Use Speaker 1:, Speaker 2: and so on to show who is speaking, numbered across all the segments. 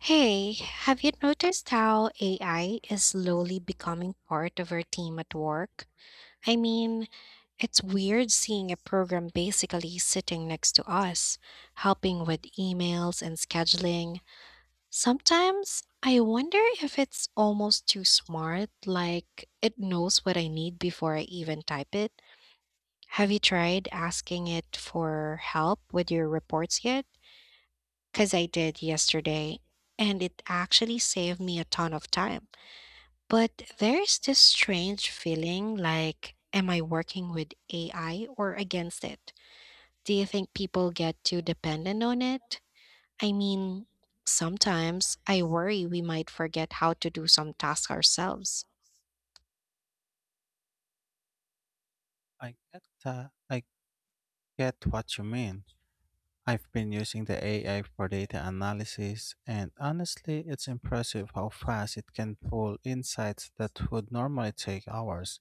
Speaker 1: Hey, have you noticed how AI is slowly becoming part of our team at work? I mean, it's weird seeing a program basically sitting next to us, helping with emails and scheduling. Sometimes I wonder if it's almost too smart, like it knows what I need before I even type it. Have you tried asking it for help with your reports yet? Because I did yesterday, and it actually saved me a ton of time. But there's this strange feeling like, am I working with AI or against it? Do you think people get too dependent on it? I mean, sometimes I worry we might forget how to do some tasks ourselves.
Speaker 2: I get that. I get what you mean. I've been using the AI for data analysis, and honestly, it's impressive how fast it can pull insights that would normally take hours.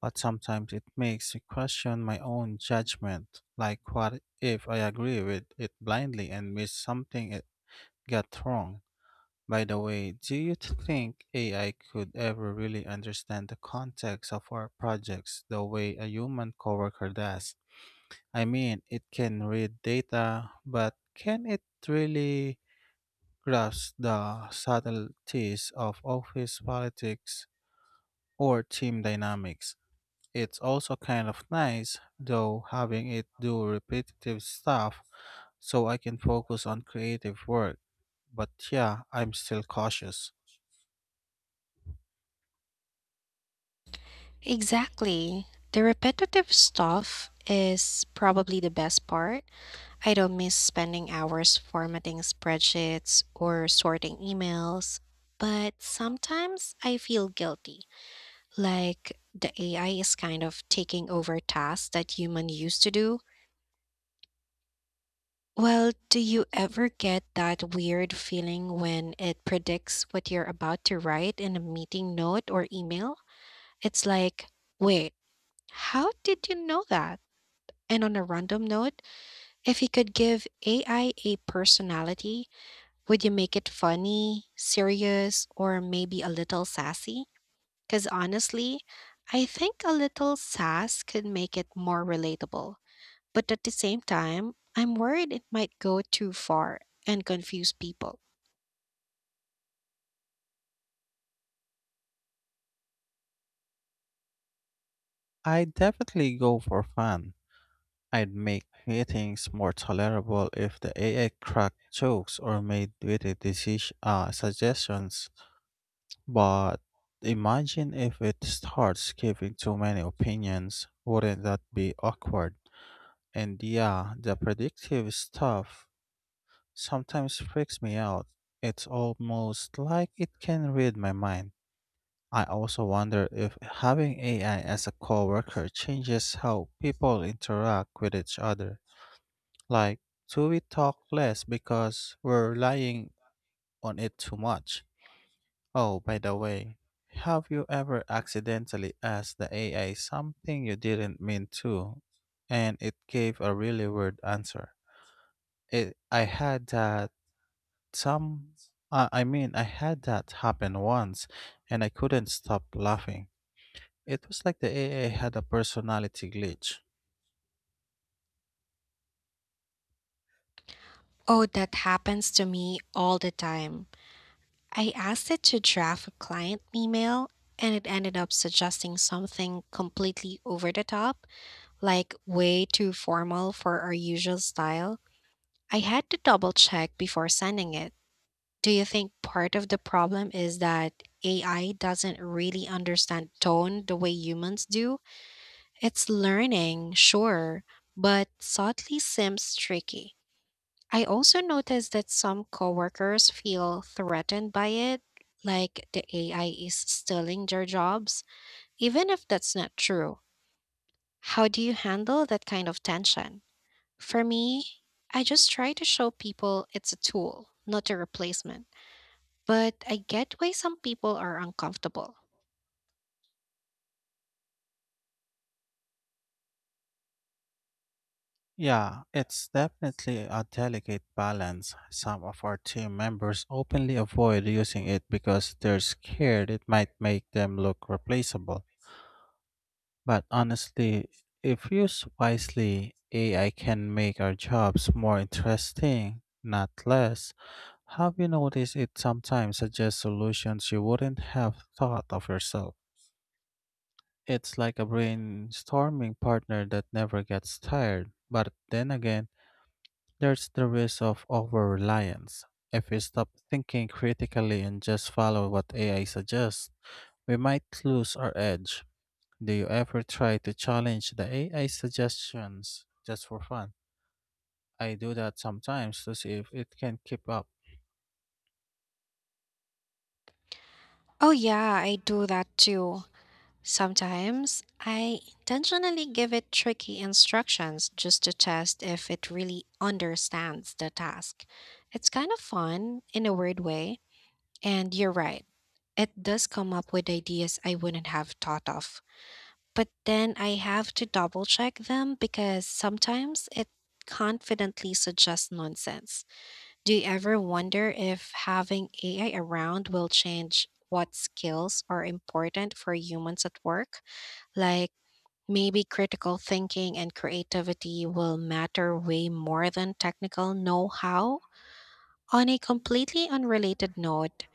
Speaker 2: But sometimes it makes me question my own judgment. Like, what if I agree with it blindly and miss something it got wrong? By the way, do you think AI could ever really understand the context of our projects the way a human coworker does? I mean, it can read data, but can it really grasp the subtleties of office politics or team dynamics? It's also kind of nice, though, having it do repetitive stuff so I can focus on creative work. But yeah, I'm still cautious.
Speaker 1: Exactly. The repetitive stuff is probably the best part. I don't miss spending hours formatting spreadsheets or sorting emails, but sometimes I feel guilty, like the AI is kind of taking over tasks that human used to do. Well, do you ever get that weird feeling when it predicts what you're about to write in a meeting note or email? It's like, wait, how did you know that? And on a random note, if you could give AI a personality, would you make it funny, serious, or maybe a little sassy? Because honestly, I think a little sass could make it more relatable. But at the same time, I'm worried it might go too far and confuse people.
Speaker 2: I definitely go for fun. I'd make meetings more tolerable if the AI cracked jokes or made witty suggestions. But imagine if it starts giving too many opinions. Wouldn't that be awkward? And yeah, the predictive stuff sometimes freaks me out. It's almost like it can read my mind. I also wonder if having AI as a coworker changes how people interact with each other. Like, do we talk less because we're relying on it too much? Oh, by the way, have you ever accidentally asked the AI something you didn't mean to, and it gave a really weird answer? It, I had that some, I mean, I had that happen once, and I couldn't stop laughing. It was like the AI had a personality glitch.
Speaker 1: Oh, that happens to me all the time. I asked it to draft a client email and it ended up suggesting something completely over the top, like way too formal for our usual style. I had to double check before sending it. Do you think part of the problem is that AI doesn't really understand tone the way humans do? It's learning, sure, but subtly seems tricky. I also noticed that some coworkers feel threatened by it, like the AI is stealing their jobs, even if that's not true. How do you handle that kind of tension? For me, I just try to show people it's a tool, not a replacement. But I get why some people are uncomfortable.
Speaker 2: Yeah, it's definitely a delicate balance. Some of our team members openly avoid using it because they're scared it might make them look replaceable. But honestly, if used wisely, AI can make our jobs more interesting, not less. Have you noticed it sometimes suggests solutions you wouldn't have thought of yourself? It's like a brainstorming partner that never gets tired. But then again, there's the risk of over reliance. If we stop thinking critically and just follow what AI suggests, we might lose our edge. Do you ever try to challenge the AI suggestions just for fun? I do that sometimes to see if it can keep up.
Speaker 1: Oh, yeah, I do that too. Sometimes I intentionally give it tricky instructions just to test if it really understands the task. It's kind of fun in a weird way. And you're right, it does come up with ideas I wouldn't have thought of, but then I have to double check them because sometimes it confidently suggests nonsense. Do you ever wonder if having AI around will change what skills are important for humans at work? Like, maybe critical thinking and creativity will matter way more than technical know how? On a completely unrelated note,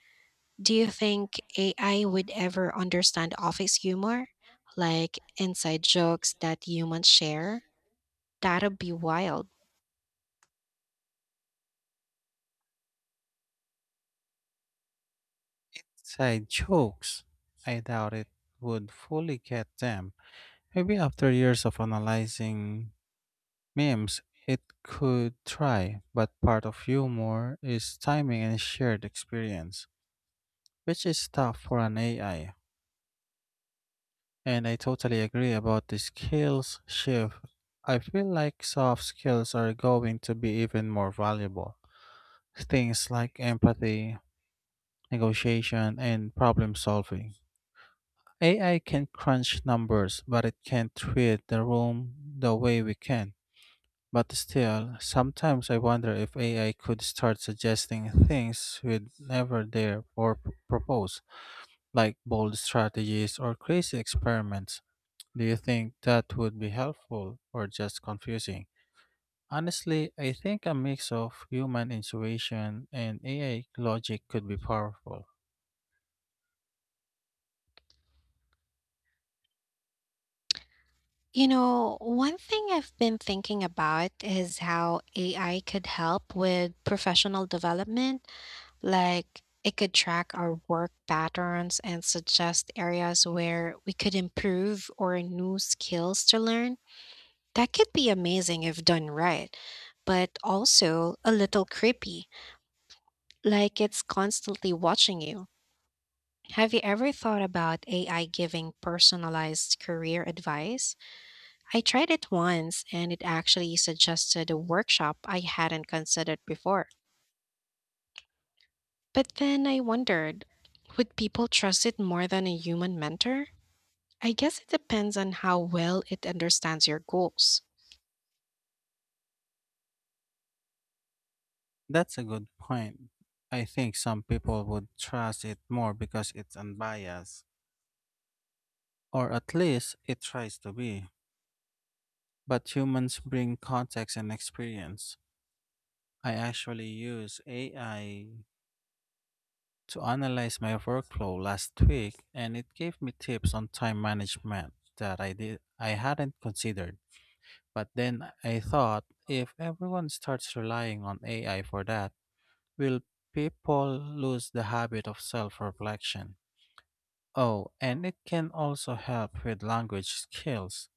Speaker 1: do you think AI would ever understand office humor, like inside jokes that humans share? That'd be wild.
Speaker 2: Inside jokes. I doubt it would fully get them. Maybe after years of analyzing memes, it could try, but part of humor is timing and shared experience, which is tough for an AI. And I totally agree about the skills shift. I feel like soft skills are going to be even more valuable. Things like empathy, negotiation, and problem solving. AI can crunch numbers, but it can't read the room the way we can. But still, sometimes I wonder if AI could start suggesting things we'd never dare or propose, like bold strategies or crazy experiments. Do you think that would be helpful or just confusing? Honestly, I think a mix of human intuition and AI logic could be powerful.
Speaker 1: You know, one thing I've been thinking about is how AI could help with professional development. Like, it could track our work patterns and suggest areas where we could improve or new skills to learn. That could be amazing if done right, but also a little creepy, like it's constantly watching you. Have you ever thought about AI giving personalized career advice? I tried it once and it actually suggested a workshop I hadn't considered before. But then I wondered, would people trust it more than a human mentor? I guess it depends on how well it understands your goals.
Speaker 2: That's a good point. I think some people would trust it more because it's unbiased, or at least it tries to be. But humans bring context and experience. I actually use AI to analyze my workflow last week, and it gave me tips on time management that I hadn't considered. But then I thought, if everyone starts relying on AI for that, will people lose the habit of self-reflection? Oh, and it can also help with language skills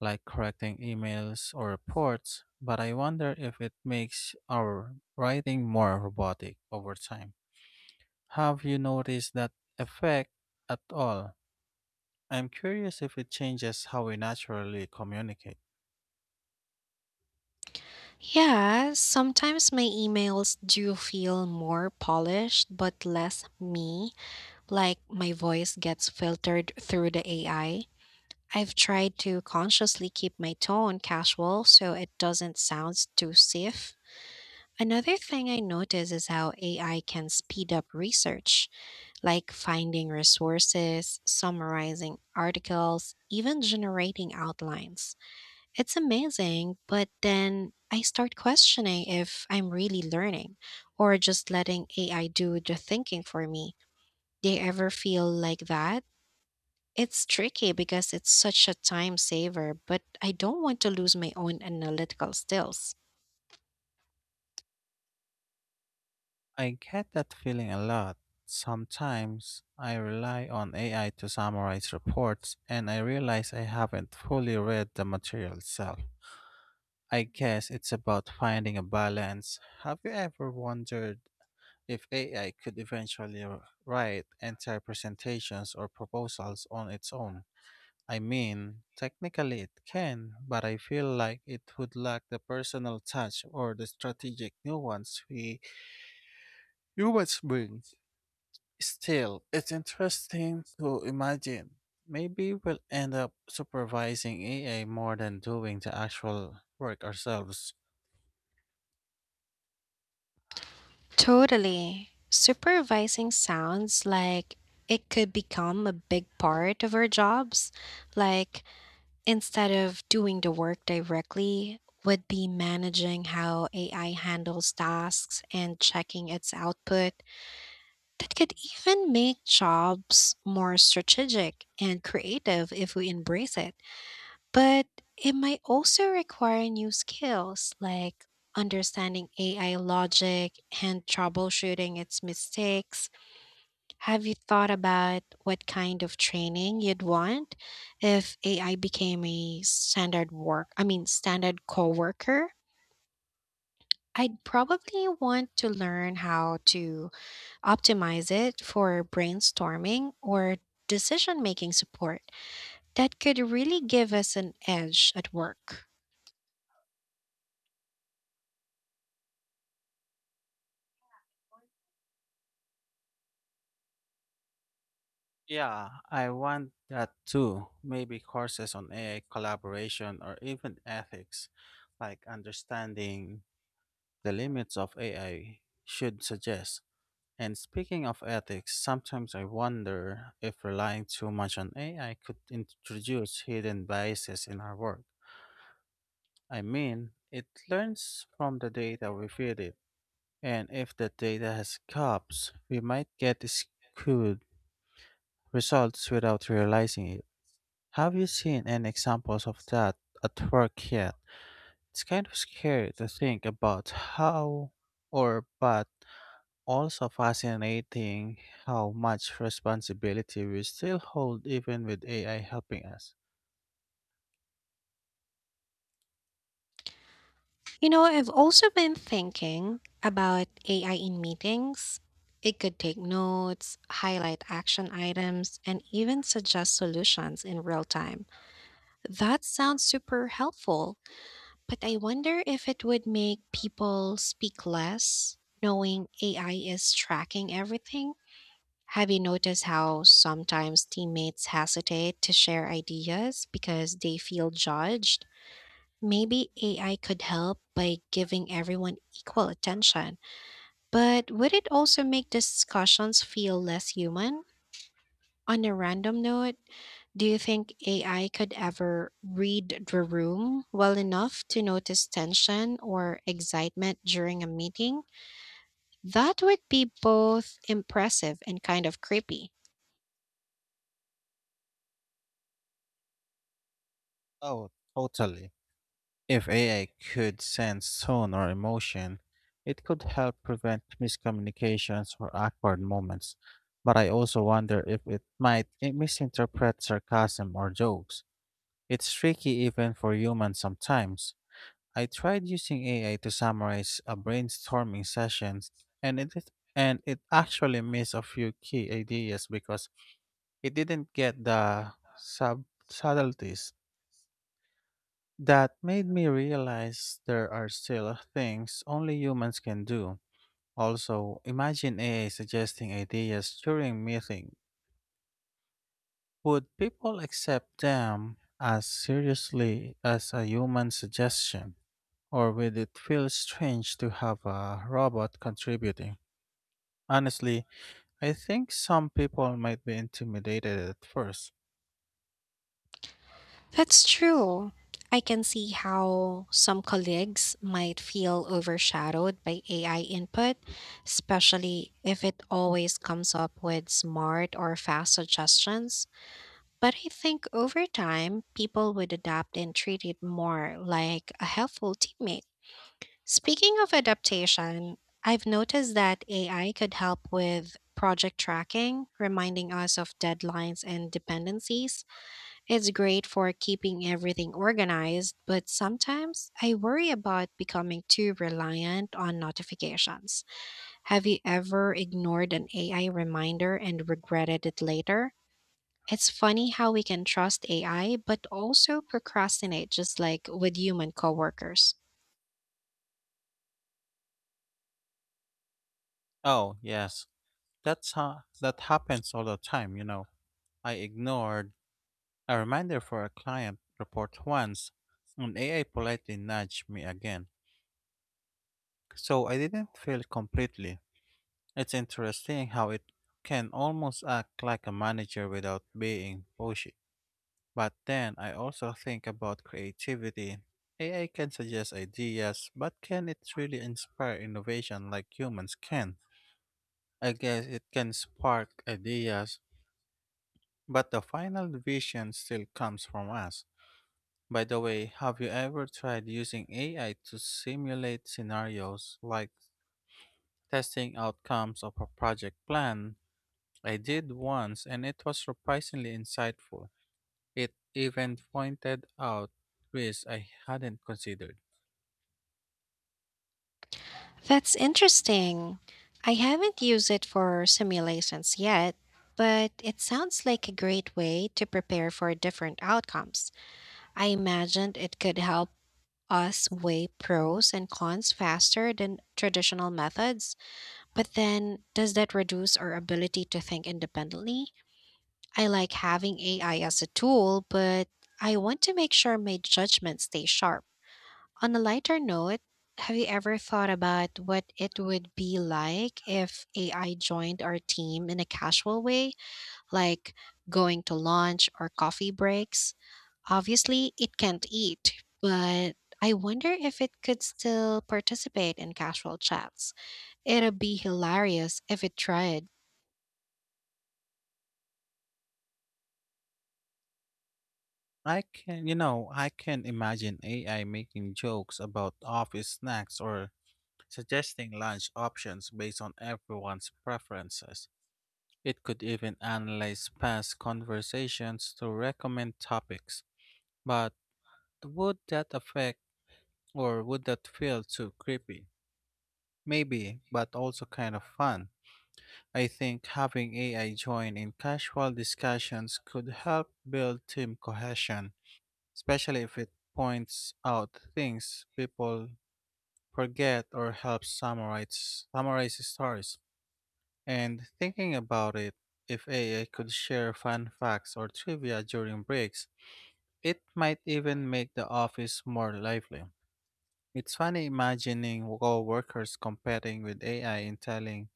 Speaker 2: like correcting emails or reports, but I wonder if it makes our writing more robotic over time. Have you noticed that effect at all? I'm curious if it changes how we naturally communicate.
Speaker 1: Yeah, sometimes my emails do feel more polished but less me, like my voice gets filtered through the AI. I've tried to consciously keep my tone casual so it doesn't sound too stiff. Another thing I notice is how AI can speed up research, like finding resources, summarizing articles, even generating outlines. It's amazing, but then I start questioning if I'm really learning or just letting AI do the thinking for me. Do you ever feel like that? It's tricky because it's such a time saver, but I don't want to lose my own analytical skills.
Speaker 2: I get that feeling a lot. Sometimes I rely on AI to summarize reports and I realize I haven't fully read the material itself. I guess it's about finding a balance. Have you ever wondered if AI could eventually write entire presentations or proposals on its own? I mean, technically it can, but I feel like it would lack the personal touch or the strategic nuance we humans bring. Still, it's interesting to imagine. Maybe we'll end up supervising AI more than doing the actual work ourselves.
Speaker 1: Totally. Supervising sounds like it could become a big part of our jobs. Like, instead of doing the work directly, would be managing how AI handles tasks and checking its output. That could even make jobs more strategic and creative if we embrace it. But it might also require new skills like understanding AI logic and troubleshooting its mistakes. Have you thought about what kind of training you'd want if AI became a standard work, I mean, standard coworker? I'd probably want to learn how to optimize it for brainstorming or decision making support. That could really give us an edge at work.
Speaker 2: Yeah, I want that too. Maybe courses on AI collaboration or even ethics, like understanding the limits of AI, should suggest. And speaking of ethics, sometimes I wonder if relying too much on AI could introduce hidden biases in our work. I mean, it learns from the data we feed it, and if the data has gaps, we might get skewed results without realizing it. Have you seen any examples of that at work yet? It's kind of scary to think about how or bad, also fascinating how much responsibility we still hold even with AI helping us.
Speaker 1: You know, I've also been thinking about AI in meetings. It could take notes, highlight action items, and even suggest solutions in real time. That sounds super helpful, but I wonder if it would make people speak less, knowing AI is tracking everything. Have you noticed how sometimes teammates hesitate to share ideas because they feel judged? Maybe AI could help by giving everyone equal attention, but would it also make discussions feel less human? On a random note, do you think AI could ever read the room well enough to notice tension or excitement during a meeting? That would be both impressive and kind of creepy.
Speaker 2: Oh, totally. If AI could sense tone or emotion, it could help prevent miscommunications or awkward moments. But I also wonder if it might misinterpret sarcasm or jokes. It's tricky even for humans sometimes. I tried using AI to summarize a brainstorming session, and it is- and it actually missed a few key ideas because it didn't get the subtleties. That made me realize there are still things only humans can do. Also, imagine AI suggesting ideas during meeting. Would people accept them as seriously as a human suggestion? Or will it feel strange to have a robot contributing? Honestly, I think some people might be intimidated at first.
Speaker 1: That's true. I can see how some colleagues might feel overshadowed by AI input, especially if it always comes up with smart or fast suggestions. But I think over time, people would adapt and treat it more like a helpful teammate. Speaking of adaptation, I've noticed that AI could help with project tracking, reminding us of deadlines and dependencies. It's great for keeping everything organized, but sometimes I worry about becoming too reliant on notifications. Have you ever ignored an AI reminder and regretted it later? It's funny how we can trust AI but also procrastinate just like with human coworkers.
Speaker 2: Oh, yes. That happens all the time, you know. I ignored a reminder for a client report once, and AI politely nudged me again. So I didn't fail completely. It's interesting how it can almost act like a manager without being pushy. But then I also think about creativity. AI can suggest ideas, but can it really inspire innovation like humans can? I guess it can spark ideas, but the final vision still comes from us. By the way, have you ever tried using AI to simulate scenarios like testing outcomes of a project plan? I did once and it was surprisingly insightful. It even pointed out risks I hadn't considered.
Speaker 1: That's interesting. I haven't used it for simulations yet, but it sounds like a great way to prepare for different outcomes. I imagined it could help us weigh pros and cons faster than traditional methods, but then does that reduce our ability to think independently? I like having AI as a tool, but I want to make sure my judgments stay sharp. On a lighter note, have you ever thought about what it would be like if AI joined our team in a casual way, like going to lunch or coffee breaks? Obviously, it can't eat, but I wonder if it could still participate in casual chats. It'd be hilarious if it tried.
Speaker 2: I can, you know, I can imagine AI making jokes about office snacks or suggesting lunch options based on everyone's preferences. It could even analyze past conversations to recommend topics. But would that affect would that feel too creepy? Maybe, but also kind of fun. I think having AI join in casual discussions could help build team cohesion, especially if it points out things people forget or helps summarize stories. And thinking about it, if AI could share fun facts or trivia during breaks, it might even make the office more lively. It's funny imagining co-workers competing with AI in telling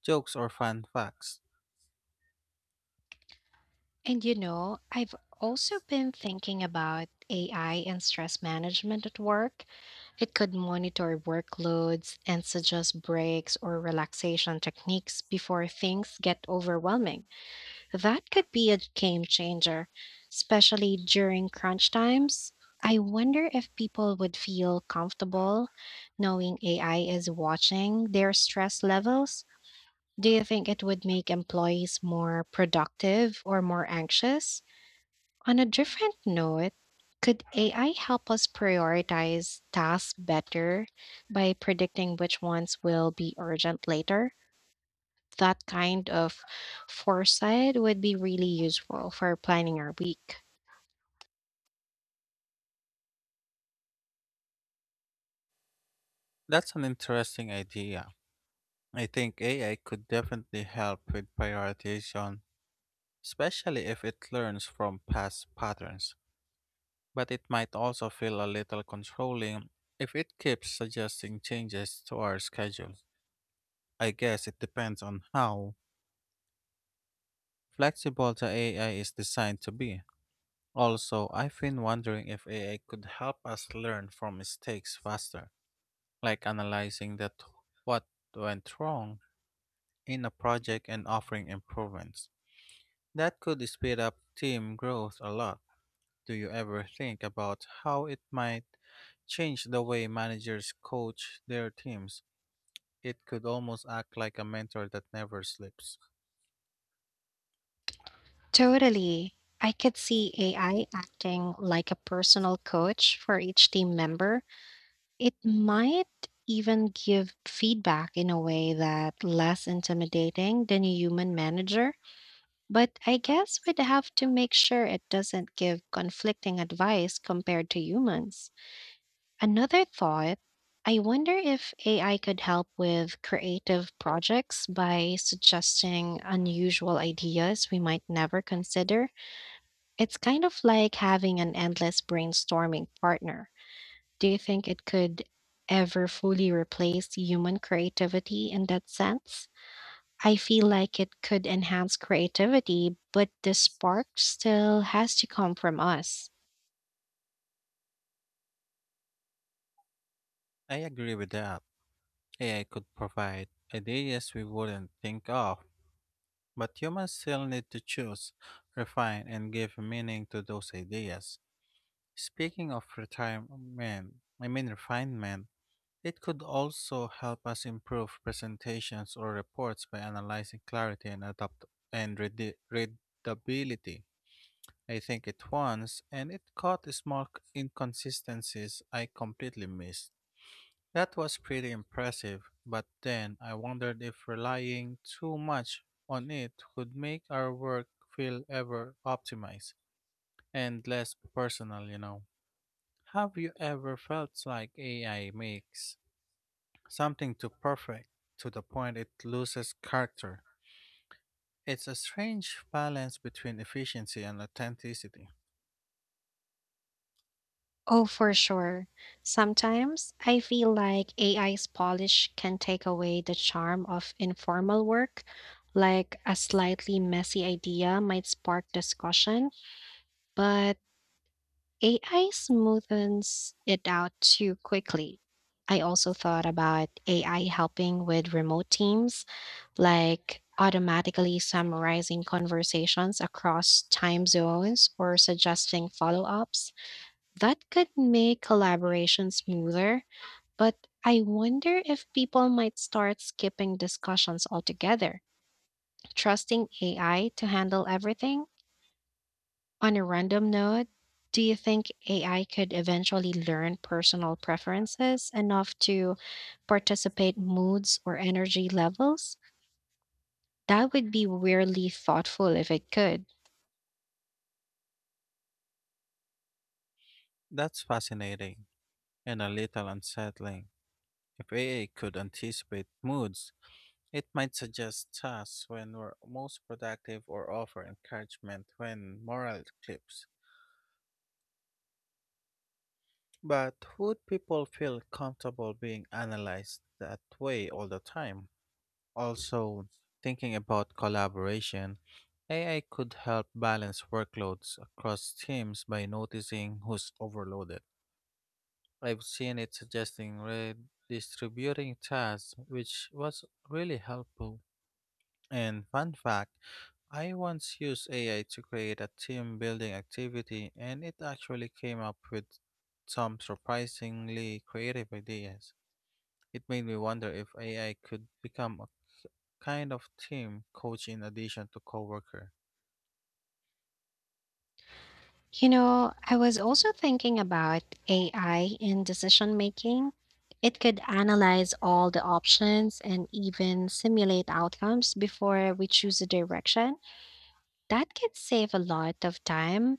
Speaker 2: jokes or fun facts.
Speaker 1: And you know, I've also been thinking about AI and stress management at work. It could monitor workloads and suggest breaks or relaxation techniques before things get overwhelming. That could be a game changer, especially during crunch times. I wonder if people would feel comfortable knowing AI is watching their stress levels. Do you think it would make employees more productive or more anxious? On a different note, could AI help us prioritize tasks better by predicting which ones will be urgent later? That kind of foresight would be really useful for planning our week.
Speaker 2: That's an interesting idea. I think AI could definitely help with prioritization, especially if it learns from past patterns. But it might also feel a little controlling if it keeps suggesting changes to our schedule. I guess it depends on how flexible the AI is designed to be. Also, I've been wondering if AI could help us learn from mistakes faster, like analyzing that what went wrong in a project and offering improvements. That could speed up team growth a lot. Do you ever think about how it might change the way managers coach their teams? It could almost act like a mentor that never sleeps.
Speaker 1: Totally. I could see AI acting like a personal coach for each team member. It might even give feedback in a way that less intimidating than a human manager, but I guess we'd have to make sure it doesn't give conflicting advice compared to humans. Another thought, I wonder if AI could help with creative projects by suggesting unusual ideas we might never consider. It's kind of like having an endless brainstorming partner. Do you think it could ever fully replace human creativity in that sense? I feel like it could enhance creativity, but the spark still has to come from us.
Speaker 2: I agree with that. AI could provide ideas we wouldn't think of, but humans still need to choose, refine, and give meaning to those ideas. Speaking of retirement, I mean refinement, it could also help us improve presentations or reports by analyzing clarity and readability. I think it once, and it caught small inconsistencies I completely missed. That was pretty impressive, but then I wondered if relying too much on it would make our work feel ever optimized and less personal, you know. Have you ever felt like AI makes something too perfect, to the point it loses character? It's a strange balance between efficiency and authenticity.
Speaker 1: Oh, for sure. Sometimes I feel like AI's polish can take away the charm of informal work. Like a slightly messy idea might spark discussion, but AI smoothens it out too quickly. I also thought about AI helping with remote teams, like automatically summarizing conversations across time zones or suggesting follow ups. That could make collaboration smoother, but I wonder if people might start skipping discussions altogether, trusting AI to handle everything. On a random note, do you think AI could eventually learn personal preferences enough to participate moods or energy levels? That would be weirdly thoughtful if it could.
Speaker 2: That's fascinating and a little unsettling. If AA could anticipate moods, it might suggest tasks when we're most productive or offer encouragement when morale dips. But would people feel comfortable being analyzed that way all the time? Also, thinking about collaboration, AI could help balance workloads across teams by noticing who's overloaded. I've seen it suggesting redistributing tasks, which was really helpful. And fun fact, I once used AI to create a team building activity and it actually came up with some surprisingly creative ideas. It made me wonder if AI could become a kind of team coach in addition to coworker.
Speaker 1: You know, I was also thinking about AI in decision making. It could analyze all the options and even simulate outcomes before we choose a direction. That could save a lot of time,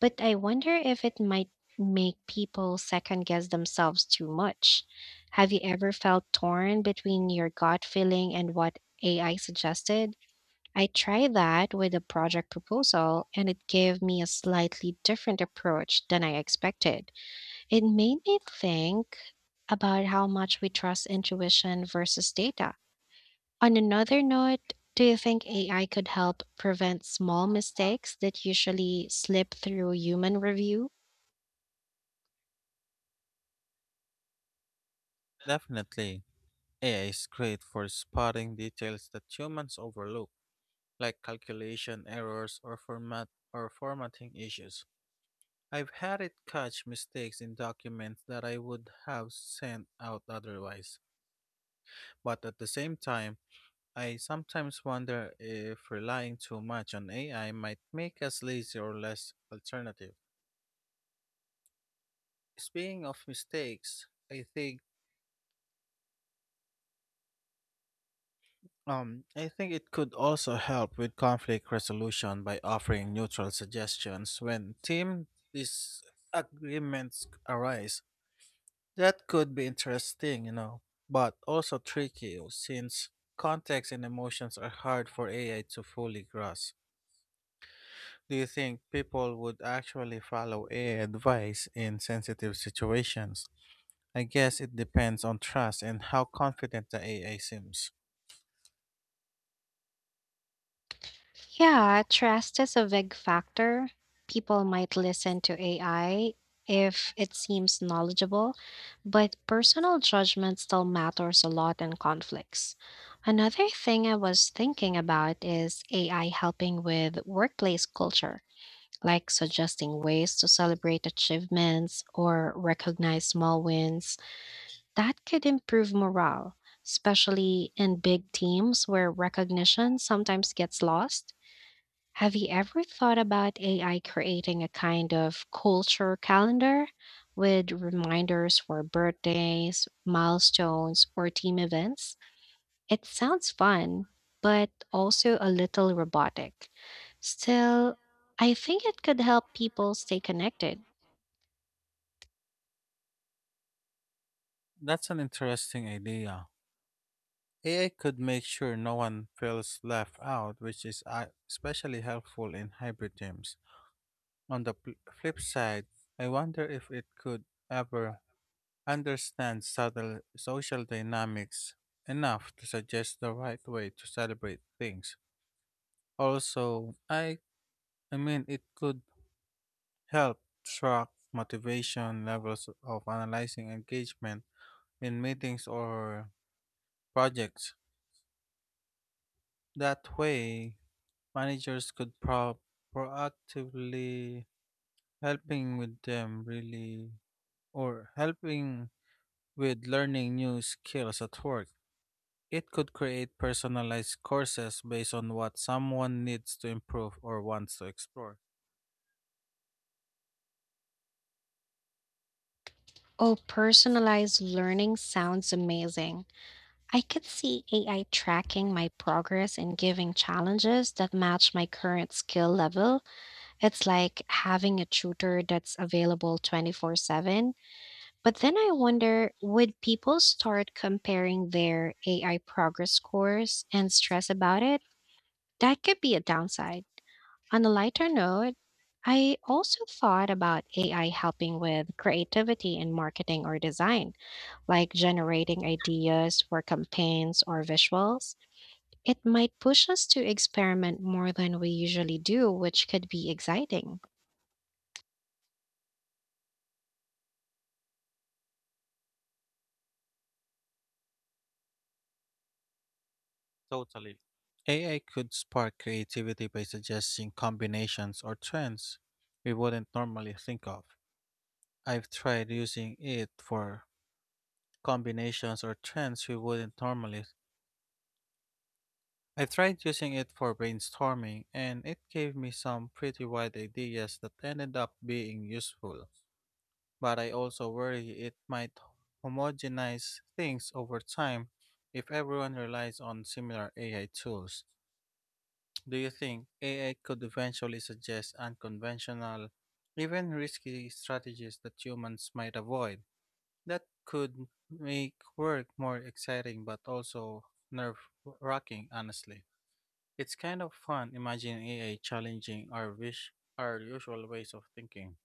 Speaker 1: but I wonder if it might make people second guess themselves too much. Have you ever felt torn between your gut feeling and what AI suggested? I tried that with a project proposal, and it gave me a slightly different approach than I expected. It made me think about how much we trust intuition versus data. On another note, do you think AI could help prevent small mistakes that usually slip through human review?
Speaker 2: Definitely, AI is great for spotting details that humans overlook, like calculation errors or formatting issues. I've had it catch mistakes in documents that I would have sent out otherwise. But at the same time, I sometimes wonder if relying too much on AI might make us lazy or less alternative. Speaking of mistakes, I think it could also help with conflict resolution by offering neutral suggestions when team disagreements arise. That could be interesting, you know, but also tricky since context and emotions are hard for AI to fully grasp. Do you think people would actually follow AI advice in sensitive situations? I guess it depends on trust and how confident the AI seems.
Speaker 1: Yeah, trust is a big factor. People might listen to AI if it seems knowledgeable, but personal judgment still matters a lot in conflicts. Another thing I was thinking about is AI helping with workplace culture, like suggesting ways to celebrate achievements or recognize small wins. That could improve morale, especially in big teams where recognition sometimes gets lost. Have you ever thought about AI creating a kind of culture calendar with reminders for birthdays, milestones, or team events? It sounds fun, but also a little robotic. Still, I think it could help people stay connected.
Speaker 2: That's an interesting idea. AI could make sure no one feels left out, which is especially helpful in hybrid teams. On the flip side, I wonder if it could ever understand subtle social dynamics enough to suggest the right way to celebrate things. Also, I mean it could help track motivation levels of analyzing engagement in meetings or projects. That way, managers could proactively helping with them really, or helping with learning new skills at work. It could create personalized courses based on what someone needs to improve or wants to explore.
Speaker 1: Oh, personalized learning sounds amazing. I could see AI tracking my progress and giving challenges that match my current skill level. It's like having a tutor that's available 24/7. But then I wonder, would people start comparing their AI progress scores and stress about it? That could be a downside. On a lighter note, I also thought about AI helping with creativity in marketing or design, like generating ideas for campaigns or visuals. It might push us to experiment more than we usually do, which could be exciting.
Speaker 2: Totally. AI could spark creativity by suggesting combinations or trends we wouldn't normally think of. I've tried using it for combinations or trends we wouldn't normally I tried using it for brainstorming, and it gave me some pretty wide ideas that ended up being useful. But I also worry it might homogenize things over time if everyone relies on similar AI tools. Do you think AI could eventually suggest unconventional, even risky strategies that humans might avoid? That could make work more exciting but also nerve wracking, honestly. It's kind of fun imagining AI challenging our usual ways of thinking.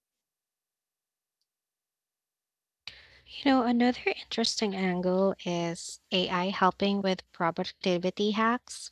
Speaker 1: You know, another interesting angle is AI helping with productivity hacks.